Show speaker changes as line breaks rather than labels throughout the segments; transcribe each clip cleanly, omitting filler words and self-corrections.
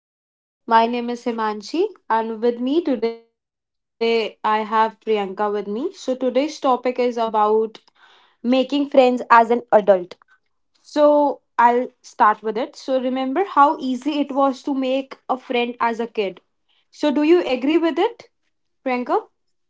Welcome to the podcast. My name is Himanshi, and with me today I have Priyanka with me. So today's topic is about making friends as an adult. So I'll start with it. So remember how easy it was to make a friend as a kid. So do you agree with it, Priyanka?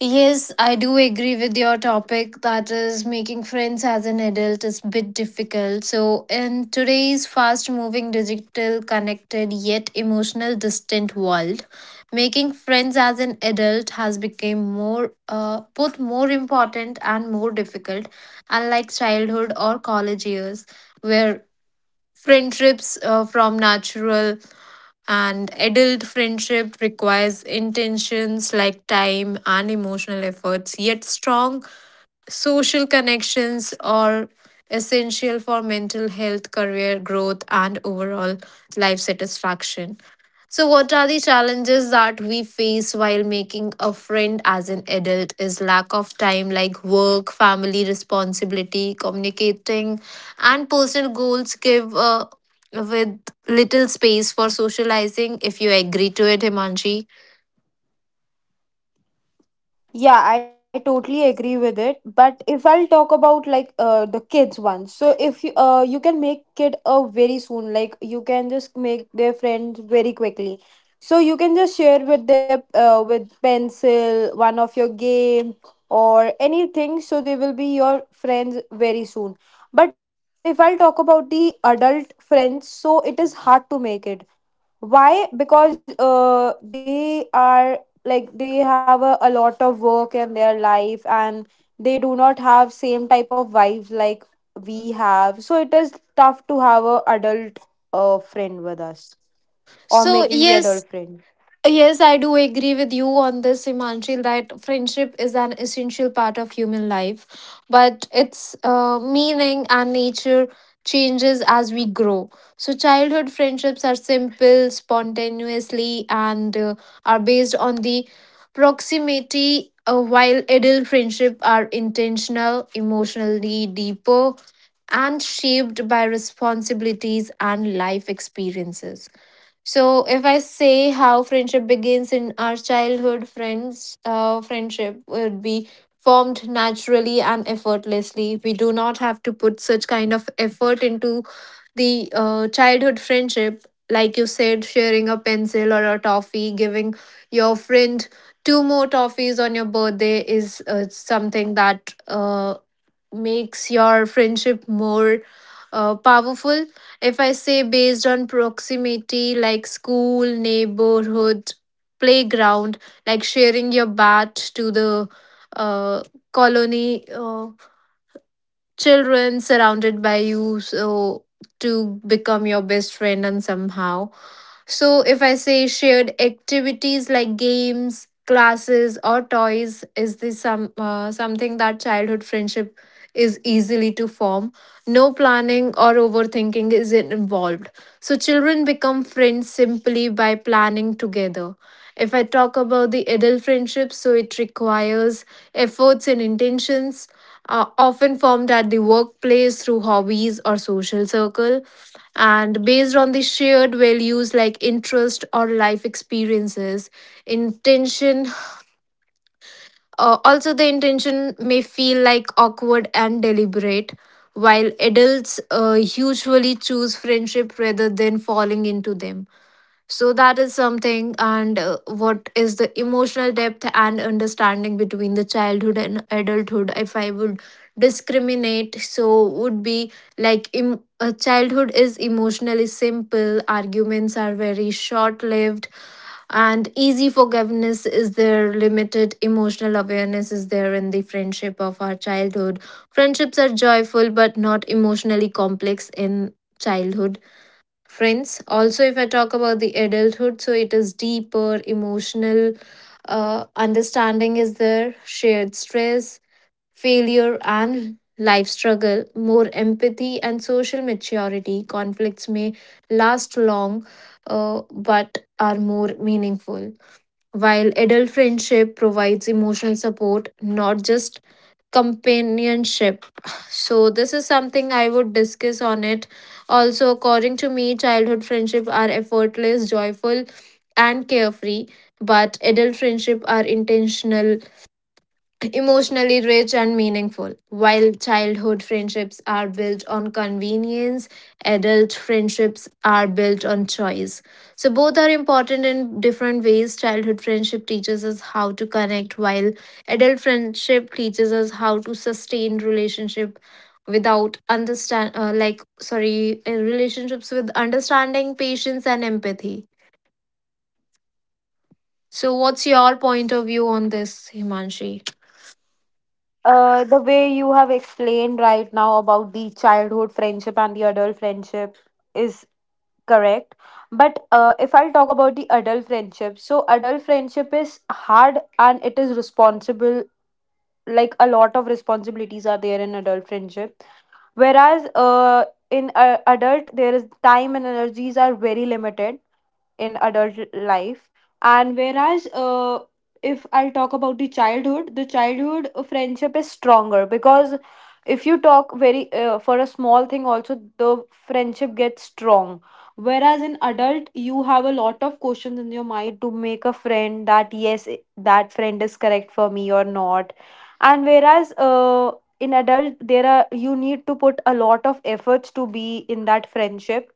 Yes, I do agree with your topic that is making friends as an adult is a bit difficult. So, in today's fast moving, digital, connected, yet emotional, distant world, making friends as an adult has become both more important and more difficult, unlike childhood or college years, where friendships from natural and adult friendship requires intentions like time and emotional efforts, yet strong social connections are essential for mental health, career growth, and overall life satisfaction. So, what are the challenges that we face while making a friend as an adult? Is lack of time, like work, family responsibility, communicating, and personal goals, give with little space for socializing, if you agree to it, Himanshi.
Yeah, I totally agree with it. But if I'll talk about the kids one, so if you you can make kid very soon, like you can just make their friends very quickly. So you can just share with their with pencil one of your game or anything, so they will be your friends very soon. But if I'll talk about the adult friends, so it is hard to make it. Why? Because they are like they have a lot of work in their life, and they do not have same type of vibes like we have. So it is tough to have a adult friend with us or
So,
making the
yes,
adult friend.
yes, I do agree with you on this, Imanshil, that friendship is an essential part of human life, but its meaning and nature changes as we grow. So, childhood friendships are simple, spontaneously, and are based on the proximity, while adult friendships are intentional, emotionally deeper, and shaped by responsibilities and life experiences. So if I say how friendship begins in our childhood, friendship would be formed naturally and effortlessly. We do not have to put such kind of effort into the childhood friendship, like you said, sharing a pencil or a toffee, giving your friend two more toffees on your birthday is something that makes your friendship more powerful. If I say based on proximity, like school, neighborhood, playground, like sharing your bat to the uh, colony children surrounded by you, so to become your best friend, and somehow so, if I say shared activities like games, classes, or toys, is this something that childhood friendship is easily to form? No planning or overthinking is involved. So, children become friends simply by planning together. If I talk about the adult friendship, so it requires efforts and intentions, often formed at the workplace through hobbies or social circle and based on the shared values like interest or life experiences intention, also the intention may feel like awkward and deliberate while adults usually choose friendship rather than falling into them, so that is something, and what is the emotional depth and understanding between the childhood and adulthood? If I would discriminate, so would be like childhood is emotionally simple, arguments are very short lived, and easy forgiveness is there, limited emotional awareness is there in the friendship of our childhood. Friendships are joyful but not emotionally complex in childhood friends. Also, if I talk about the adulthood, so it is deeper emotional understanding is there, shared stress, failure, and life struggle, more empathy, and social maturity. Conflicts may last long, but are more meaningful. While adult friendship provides emotional support, not just companionship. So, this is something I would discuss on it. Also, according to me, childhood friendship are effortless, joyful, and carefree, but adult friendship are intentional, emotionally rich and meaningful. While childhood friendships are built on convenience, adult friendships are built on choice. So, both are important in different ways. Childhood friendship teaches us how to connect, while adult friendship teaches us how to sustain relationship without understand like sorry relationships with understanding patience and empathy. So what's your point of view on this, Himanshi?
The way you have explained right now about the childhood friendship and the adult friendship is correct. But if I'll talk about the adult friendship, so adult friendship is hard and it is responsible. Like a lot of responsibilities are there in adult friendship, whereas in adult there is time and energies are very limited in adult life. And whereas if I'll talk about the childhood, the childhood friendship is stronger, because if you talk very for a small thing also, the friendship gets strong, whereas in adult you have a lot of questions in your mind to make a friend, that that friend is correct for me or not. And whereas in adult there are, you need to put a lot of efforts to be in that friendship.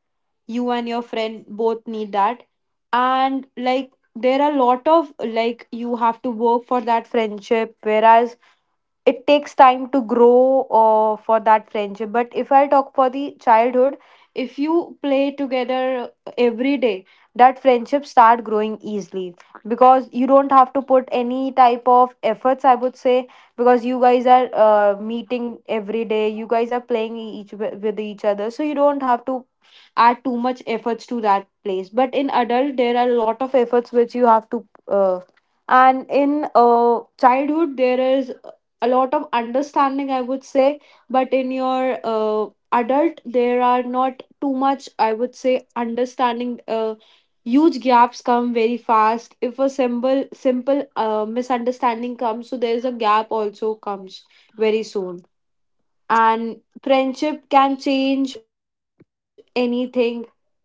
You and your friend both need that, and like there are a lot of, like you have to work for that friendship, whereas it takes time to grow for that friendship. But if I talk for the childhood, if you play together every day, that friendship start growing easily, because you don't have to put any type of efforts, I would say, because you guys are meeting every day, you guys are playing each with each other, so you don't have to add too much efforts to that place. But in adult, there are a lot of efforts which you have to and in uh, childhood there is a lot of understanding, I would say. But in your adult there are not too much, I would say, understanding. Uh, huge gaps come very fast. If a simple misunderstanding comes, so there's a gap also comes very soon, and friendship can change anything, and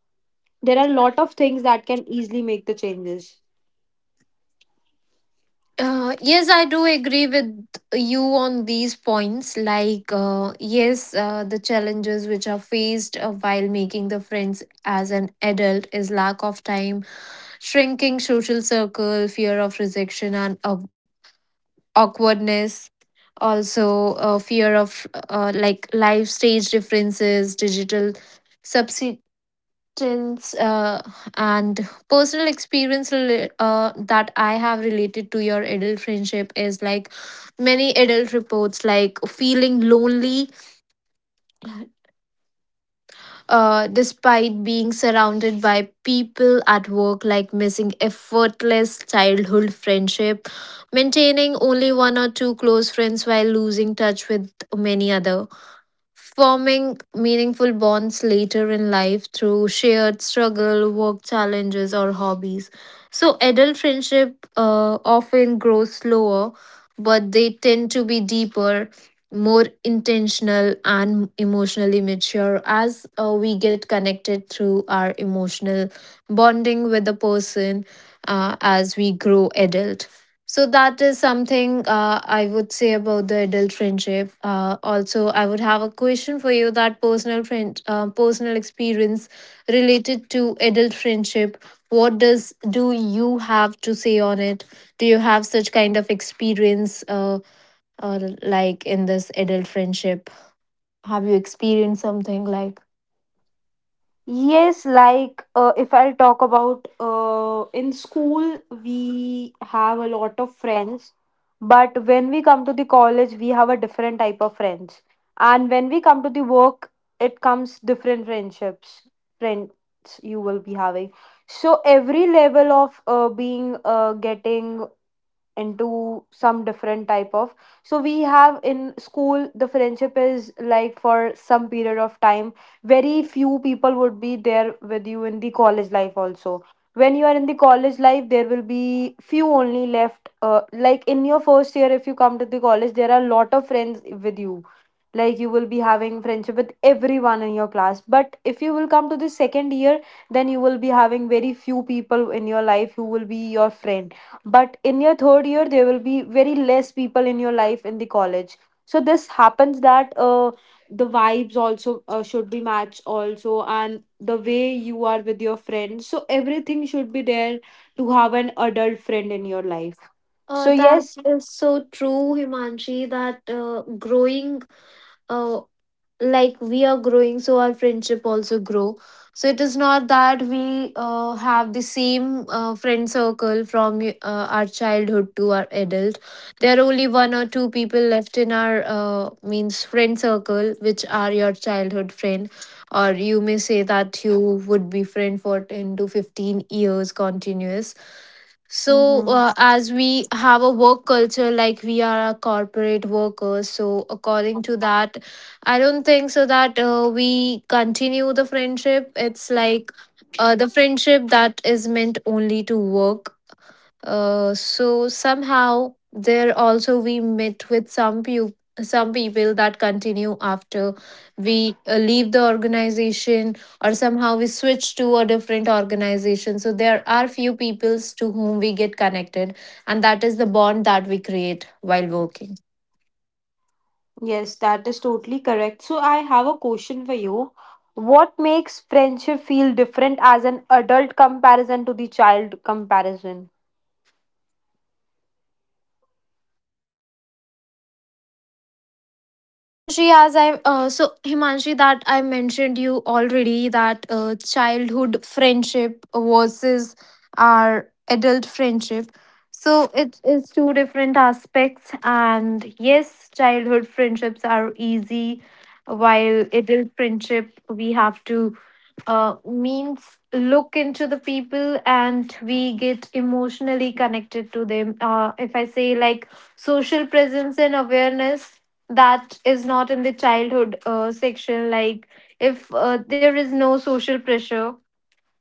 there are a lot of things that can easily make the changes.
Yes, I do agree with you on these points. Like, yes, the challenges which are faced while making the friends as an adult is lack of time, shrinking social circle, fear of rejection, and awkwardness. Also, fear of like life stage differences, digital questions, and personal experience that I have related to your adult friendship is like many adult reports like feeling lonely despite being surrounded by people at work, like missing effortless childhood friendship, maintaining only one or two close friends while losing touch with many other, forming meaningful bonds later in life through shared struggle, work challenges, or hobbies. So, adult friendship often grows slower, but they tend to be deeper, more intentional, and emotionally mature as we get connected through our emotional bonding with the person as we grow adult. So that is something I would say about the adult friendship. Also, I would have a question for you that personal friend, personal experience related to adult friendship. What does do you have to say on it? Do you have such kind of experience, like in this adult friendship? Have you experienced something like?
Yes, like if I'll talk about in school, we have a lot of friends, but when we come to the college, we have a different type of friends. And when we come to the work, it comes different friendships, friends you will be having. So every level of being getting into some different type of, so we have in school the friendship is like for some period of time, very few people would be there with you. In the college life also, when you are in the college life, there will be few only left, like in your first year if you come to the college there are a lot of friends with you, like you will be having friendship with everyone in your class. But if you will come to the second year, then you will be having very few people in your life who will be your friend. But in your third year there will be very less people in your life in the college. So this happens that the vibes also should be matched also, and the way you are with your friends, so everything should be there to have an adult friend in your life. So
That
yes.
is so true, Himanshi, that growing uh, like we are growing, so our friendship also grow. So it is not that we have the same friend circle from our childhood to our adult. There are only one or two people left in our means friend circle which are your childhood friend, or you may say that you would be friend for 10 to 15 years continuous. So,
Hmm.
as we have a work culture, like we are a corporate workers, so according to that, I don't think so that we continue the friendship. It's like the friendship that is meant only to work so somehow there also we met with some people, some people that continue after we leave the organization or somehow we switch to a different organization. So there are few peoples to whom we get connected, and that is the bond that we create while working.
Yes, that is totally correct. So I have a question for you. What makes friendship feel different as an adult comparison to the child comparison?
Himanshi, as I so Himanshi, that I mentioned you already that childhood friendship versus our adult friendship. So it is two different aspects, and yes, childhood friendships are easy, while adult friendship we have to means look into the people and we get emotionally connected to them. If I say like social presence and awareness, that is not in the childhood section. Like if there is no social pressure,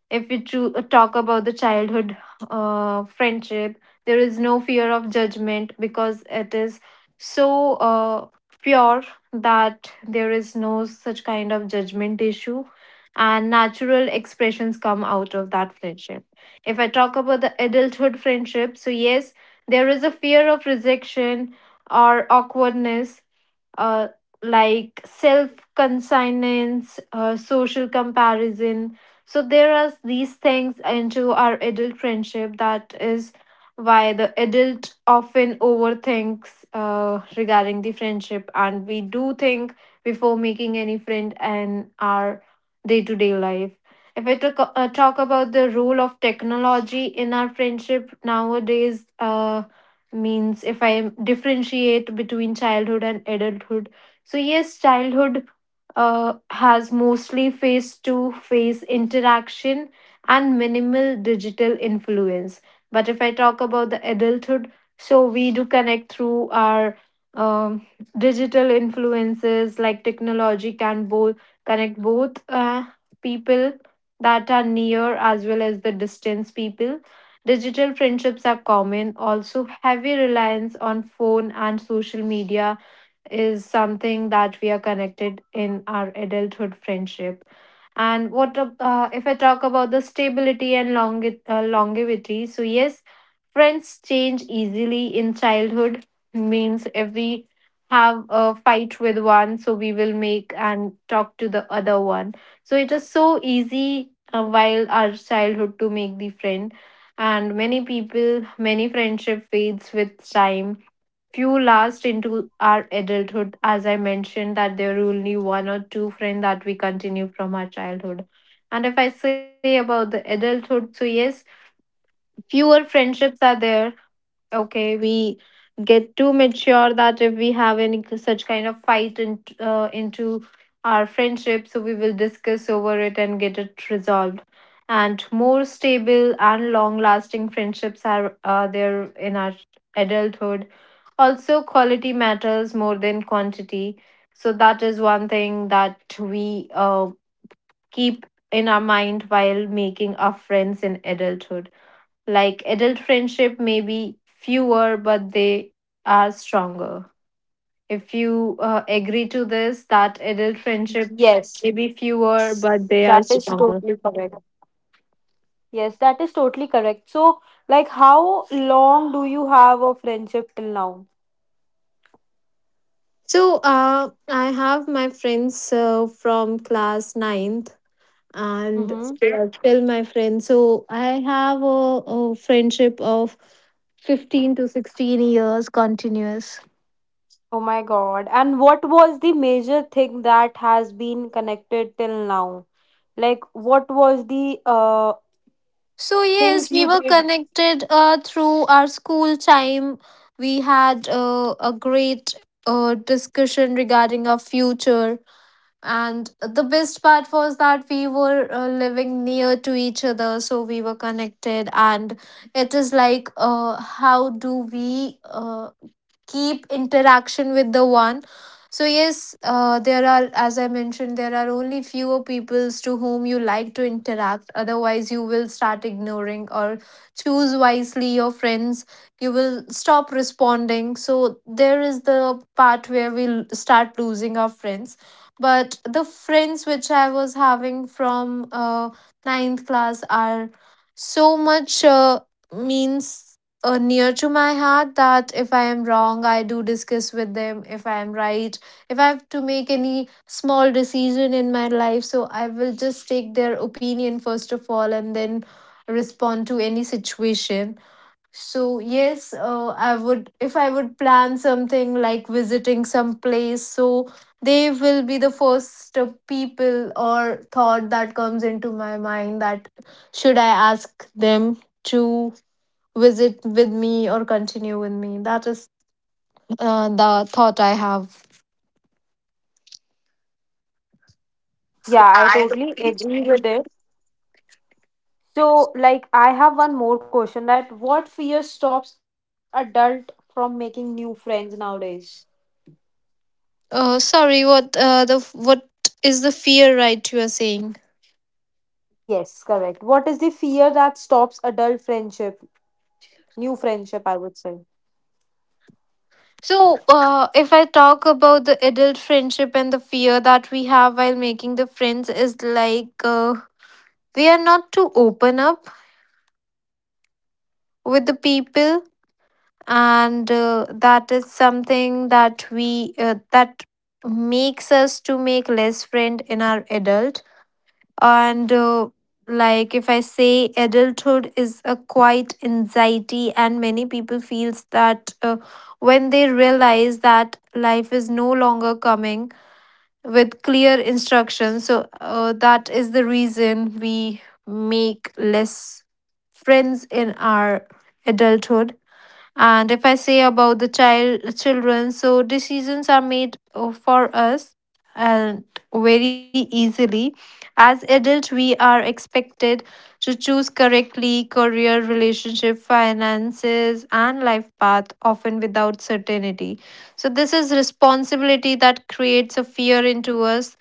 if we talk about the childhood friendship, there is no fear of judgment because it is so pure that there is no such kind of judgment issue, and natural expressions come out of that friendship. If I talk about the adulthood friendship, so yes, there is a fear of rejection or awkwardness, uh, like self conscience, social comparison. So there are these things into our adult friendship. That is why the adult often overthinks regarding the friendship and we do think before making any friend and our day-to-day life. If I talk about the role of technology in our friendship nowadays means if I differentiate between childhood and adulthood, so yes, childhood has mostly face to face interaction and minimal digital influence. But if I talk about the adulthood, so we do connect through our um, digital influences, like technology can both connect both people that are near as well as the distance people. Digital friendships are common, also heavy reliance on phone and social media is something that we are connected in our adulthood friendship. And what if I talk about the stability and longevity? So yes, friends change easily in childhood. Means if we have a fight with one, so we will make and talk to the other one. So it is so easy while our childhood to make the friend, and many people, many friendship fades with time, few last into our adulthood, as I mentioned that there are only one or two friends that we continue from our childhood. And if I say about the adulthood, so yes, fewer friendships are there. Okay, we get too mature that if we have any such kind of fight into our friendship, so we will discuss over it and get it resolved, and more stable and long lasting friendships are there in our adulthood. Also quality matters more than quantity. So that is one thing that we keep in our mind while making our friends in adulthood, like adult friendship may be fewer but they are stronger. If you agree to this that adult friendship may be
Yes,
fewer but they
that
are
is
str-
totally correct. Yes, that is totally correct. So, like, how long do you have a friendship till now?
So, uh, I have my friends from class ninth and
Mm-hmm.
tell my friend. So I have a, friendship of 15 to 16 years continuous.
Oh my God. And what was the major thing that has been connected till now? Like, what was the uh.
So, yes,
Things
we
you
were
did.
connected through our school time. We had a great discussion regarding our future. And the best part was that we were living near to each other, so we were connected. And it is like, how do we keep interaction with the one? So yes, there are, as I mentioned, there are only fewer peoples to whom you like to interact. Otherwise, you will start ignoring or choose wisely your friends. You will stop responding, so there is the part where start losing our friends. But the friends which I was having from ninth class are so much means near to my heart that if I am wrong, I do discuss with them. If I am right, if I have to make any small decision in my life, so I will just take their opinion first of all and then respond to any situation. So yes, I would if I would plan something like visiting some place, so they will be the first people or thought that comes into my mind that should I ask them to visit with me or continue with me. That is the thought I have.
Yeah, I totally agree with it. So, like, I have one more question, that what fear stops adult from making new friends nowadays?
Sorry, what is the fear, right, you are saying?
Yes, correct. What is the fear that stops adult friendship? New friendship, I would say.
So, if I talk about the adult friendship and the fear that we have while making the friends is like we are not to open up with the people, and that is something that we that makes us to make less friend in our adult. And like if I say adulthood is a quiet anxiety, and many people feels that when they realize that life is no longer coming with clear instructions. So that is the reason we make less friends in our adulthood. And if I say about the children, so decisions are made for us and very easily. As adult, we are expected to choose correctly career, relationship, finances, and life path, often without certainty. So this is responsibility that creates a fear into us,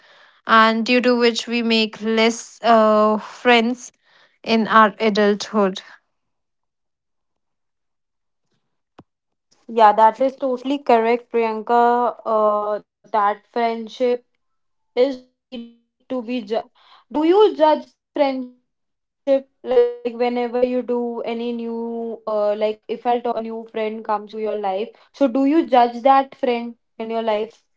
and due to which we make less friends in our adulthood.
Yeah, that is totally correct, Priyanka. That friendship is need to be do you judge the friendship, like whenever you do any new like if I'll talk, a new friend comes to your life. So do you judge that friend in your life?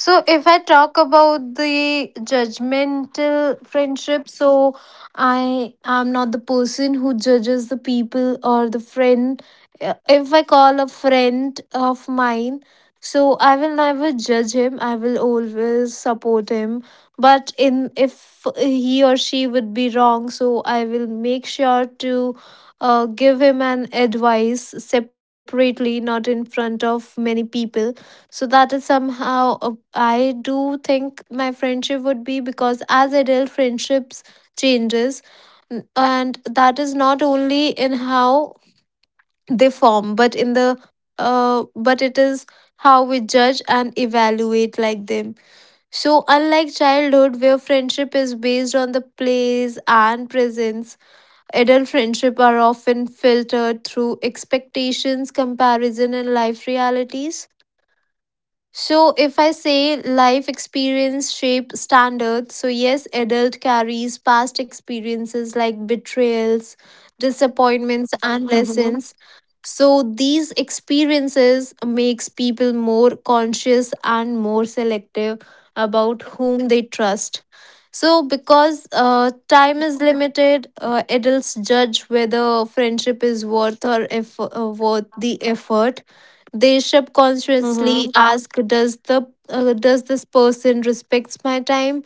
So, if I talk about the judgmental friendship, so I am not the person who judges the people or the friend. If I call a friend of mine, so I will never judge him. I will always support him. But in if he or she would be wrong, so I will make sure to give him an advice separately, not in front of many people. So that is somehow I do think my friendship would be, because as adult friendships changes and that is not only in how they form, but in the but it is how we judge and evaluate like them. So unlike childhood where friendship is based on the plays and presence, adult friendship are often filtered through expectations, comparison and life realities. So, if I say life experience shape standards, so yes, adult carries past experiences like betrayals, disappointments, and lessons.
Mm-hmm.
So, these experiences makes people more conscious and more selective about whom they trust. So, because time is limited, adults judge whether friendship is worth or worth the effort. They subconsciously
Mm-hmm.
ask, does the does this person respects my time?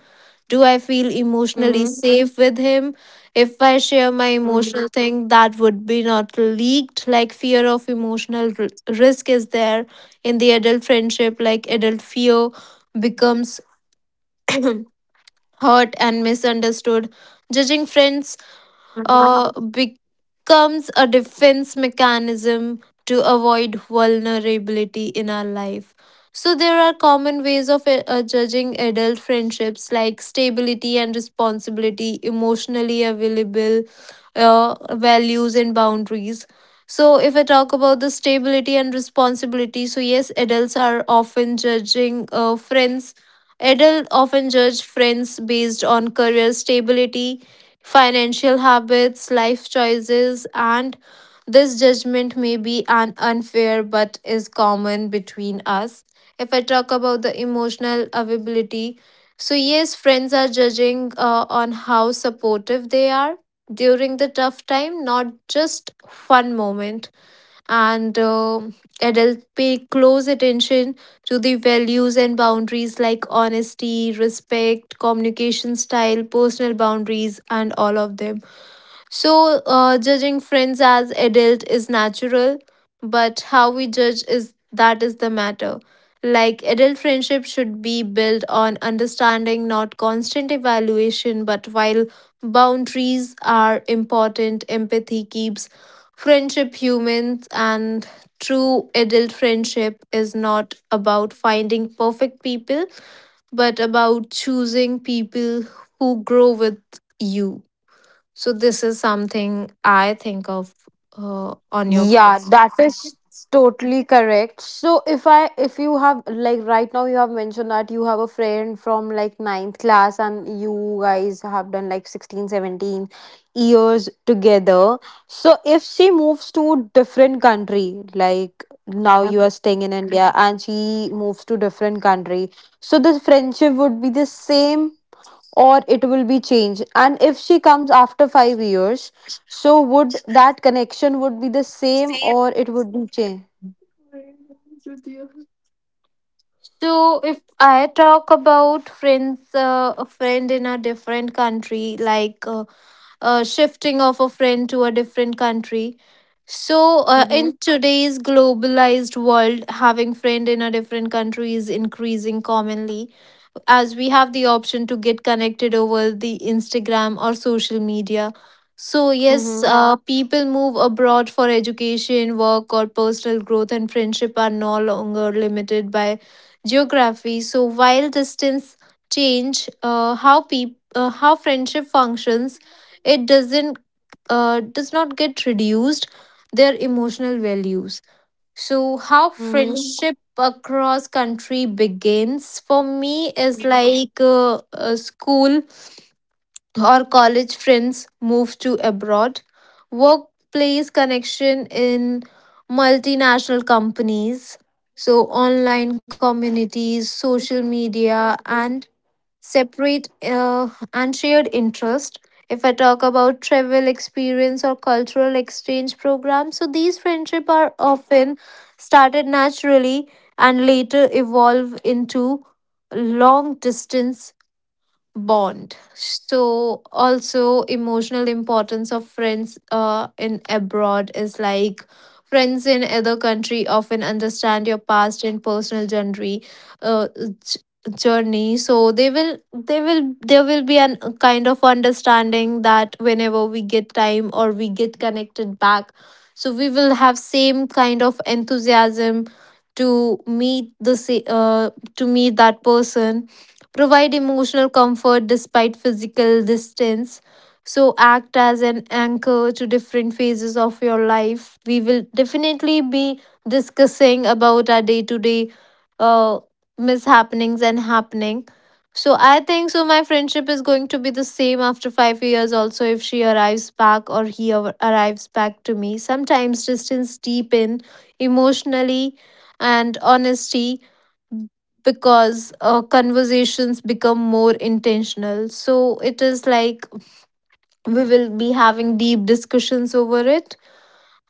Do I feel emotionally
Mm-hmm.
safe with him? If I share my emotional thing, that would be not leaked. Like fear of emotional risk is there in the adult friendship. Like adult fear becomes hurt and misunderstood. Judging friends
Mm-hmm.
becomes a defense mechanism to avoid vulnerability in our life. So, there are common ways of judging adult friendships like stability and responsibility, emotionally available, values, and boundaries. So, if I talk about the stability and responsibility, so yes, adults are often judging friends. Adults often judge friends based on career stability, financial habits, life choices, and this judgment may be an unfair but is common between us. If I talk about the emotional availability, so yes, friends are judging on how supportive they are during the tough time, not just fun moment, and adults pay close attention to the values and boundaries like honesty, respect, communication style, personal boundaries, and all of them. So, judging friends as adult is natural, but how we judge is that is the matter. Like adult friendship should be built on understanding, not constant evaluation. But while boundaries are important, empathy keeps friendship humans, and true adult friendship is not about finding perfect people, but about choosing people who grow with you. So this is something I think of on your
Yeah,
question.
that is totally correct. So if I, if you have, like right now you have mentioned that you have a friend from like ninth class, and you guys have done like 16, 17 years together. So if she moves to different country, like now you are staying in India and she moves to different country, so this friendship would be the same or it will be changed? And if she comes after 5 years, so would that connection would be the same, or it would be changed?
So if I talk about friends, a friend in a different country, shifting of a friend to a different country. So in
Mhm.
today's globalized world, having friend in a different country is increasing commonly, as we have the option to get connected over the Instagram or social media. So, yes,
Mhm.
people move abroad for education, work, or personal growth, and friendship are no longer limited by geography. So, while distance change how friendship functions, it does not get reduced their emotional values. So, how
Mhm.
friendship across country begins for me is like school or college friends move to abroad, workplace connection in multinational companies, so online communities, social media, and separate and shared interest. If I talk about travel experience or cultural exchange programs, so these friendship are often started naturally and later evolve into long distance bond. So also emotional importance of friends in abroad is like friends in other country often understand your past and personal uh, j- journey. So they will there will be an a kind of understanding that whenever we get time or we get connected back, so we will have same kind of enthusiasm to meet that person, provide emotional comfort despite physical distance. So, act as an anchor to different phases of your life. We will definitely be discussing about our day to day mishappenings and happening. So, I think so. My friendship is going to be the same after 5 years, also, if she arrives back or arrives back to me. Sometimes distance deepen emotionally and honesty, because conversations become more intentional. So it is like we will be having deep discussions over it.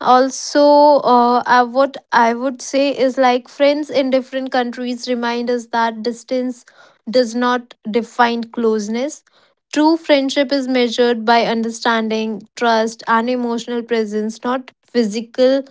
Also, what I would say is like friends in different countries remind us that distance does not define closeness. True friendship is measured by understanding, trust and emotional presence, not physical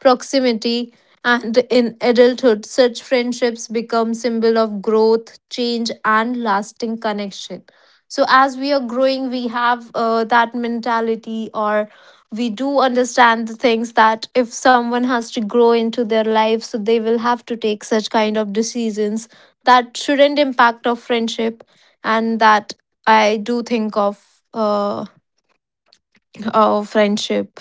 proximity. And in adulthood such friendships become symbol of growth, change and lasting connection. So as we are growing, we have that mentality, or we do understand the things that if someone has to grow into their life, so they will have to take such kind of decisions that shouldn't impact our friendship. And that I do think of uh, our friendship.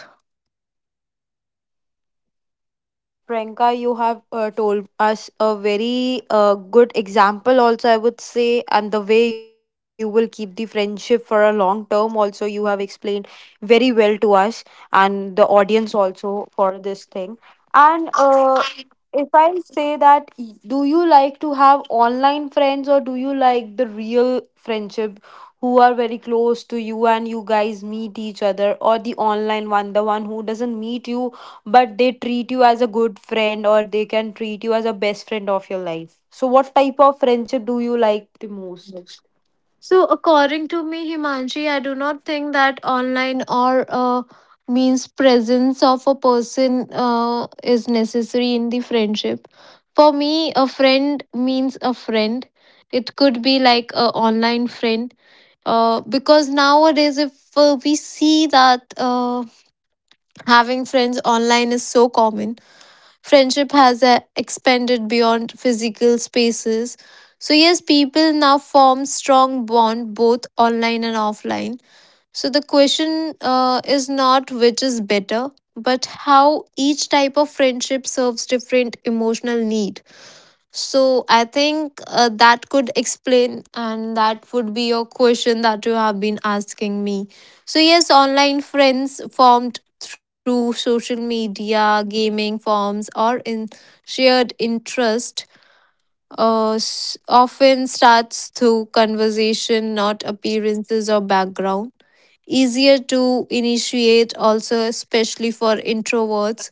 Priyanka, you have told us a very good example, also, I would say, and the way you will keep the friendship for a long term, also, you have explained very well to us and the audience also for this thing. And if I say that, do you like to have online friends, or do you like the real friendship who are very close to you and you guys meet each other, or the online one, the one who doesn't meet you, but they treat you as a good friend, or they can treat you as a best friend of your life? So, what type of friendship do you like the most?
So according to me, Himanshi, I do not think that online or means presence of a person uh, is necessary in the friendship. For me a friend means a friend. It could be like a online friend, because nowadays if we see that having friends online is so common. Friendship has expanded beyond physical spaces. So yes, people now form strong bond, both online and offline. So the question is not which is better, but how each type of friendship serves different emotional need. So I think that could explain, and that would be your question that you have been asking me. So, yes, online friends formed through social media, gaming forums, or in shared interest often starts through conversation, not appearances or background. Easier to initiate, also, especially for introverts.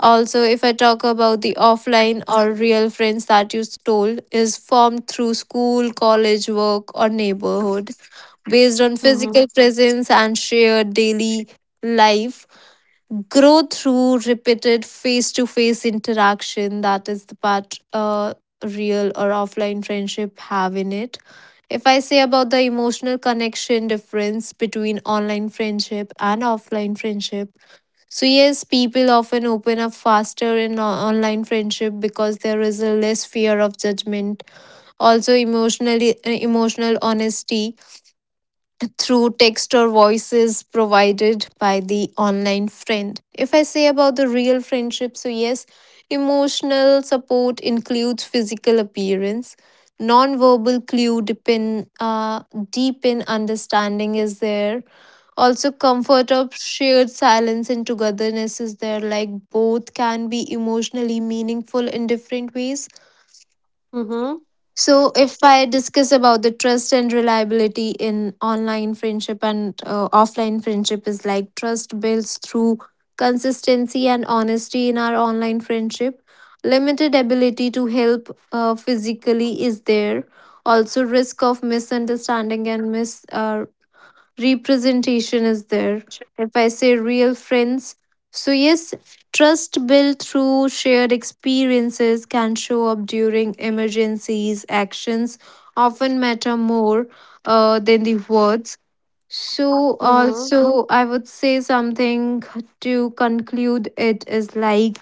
Also, if I talk about the offline or real friends that you told, is formed through school, college, work, or neighborhood. Based on
Mm-hmm.
physical presence and shared daily life, grow through repeated face to face interaction. That is the part real or offline friendship have in it. If I say about the emotional connection difference between online friendship and offline friendship, so, yes, people often open up faster in online friendship because there is a less fear of judgment. Also, emotional honesty through text or voices provided by the online friend. If I say about the real friendship, so yes, emotional support includes physical appearance. Non-verbal clue deep in understanding is there. Also, comfort of shared silence and togetherness is there. Like both can be emotionally meaningful in different ways. So, if I discuss about the trust and reliability in online friendship and offline friendship, is like trust builds through consistency and honesty in our online friendship. Limited ability to help physically is there. Also, risk of misunderstanding and misrepresentation representation is there. If I say real friends, so yes, trust built through shared experiences can show up during emergencies. Actions often matter more than the words. So,
Mm-hmm.
also, I would say something to conclude, it is like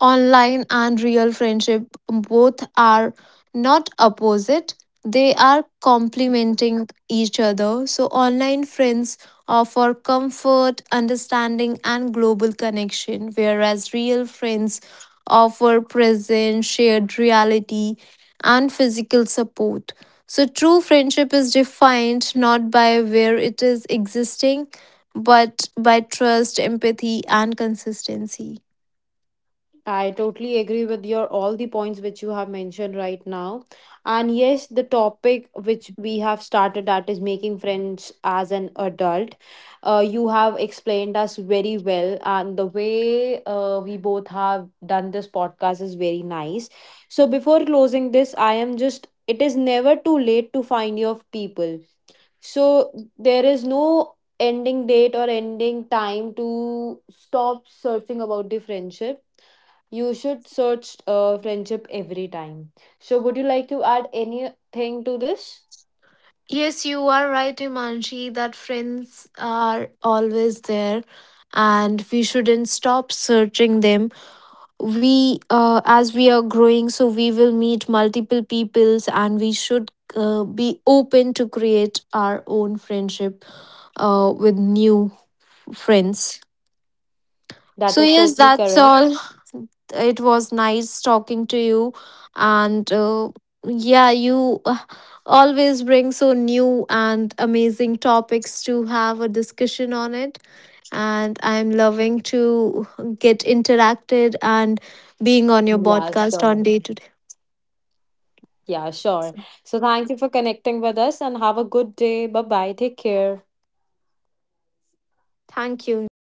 online and real friendship both are not opposite, they are complementing each other. So, online friends offer comfort, understanding, and global connection, whereas real friends offer presence, shared reality, and physical support. So, true friendship is defined not by where it is existing, but by trust, empathy, and consistency.
I totally agree with your all the points which you have mentioned right now. And yes, the topic which we have started, that is making friends as an adult. You have explained us very well, and the way we both have done this podcast is very nice. So, before closing this, I am just, it is never too late to find your people, so there is no ending date or ending time to stop searching about the friendship. You should search friendship every time. So would you like to add anything to this?
Yes, you are right, Himanshi, that friends are always there and we shouldn't stop searching them. As we are growing, so we will meet multiple peoples and we should be open to create our own friendship with new friends.
That
So,
is
yes,
totally
that's
correct.
all. It was nice talking to you. And yeah, you always bring so new and amazing topics to have a discussion on it. And I'm loving to get interacted and being on your
Yeah,
podcast
sure.
on day to day.
Yeah, sure.
So,
So thank you for connecting with us and have a good day. Bye bye. Take care.
thank you, Iman.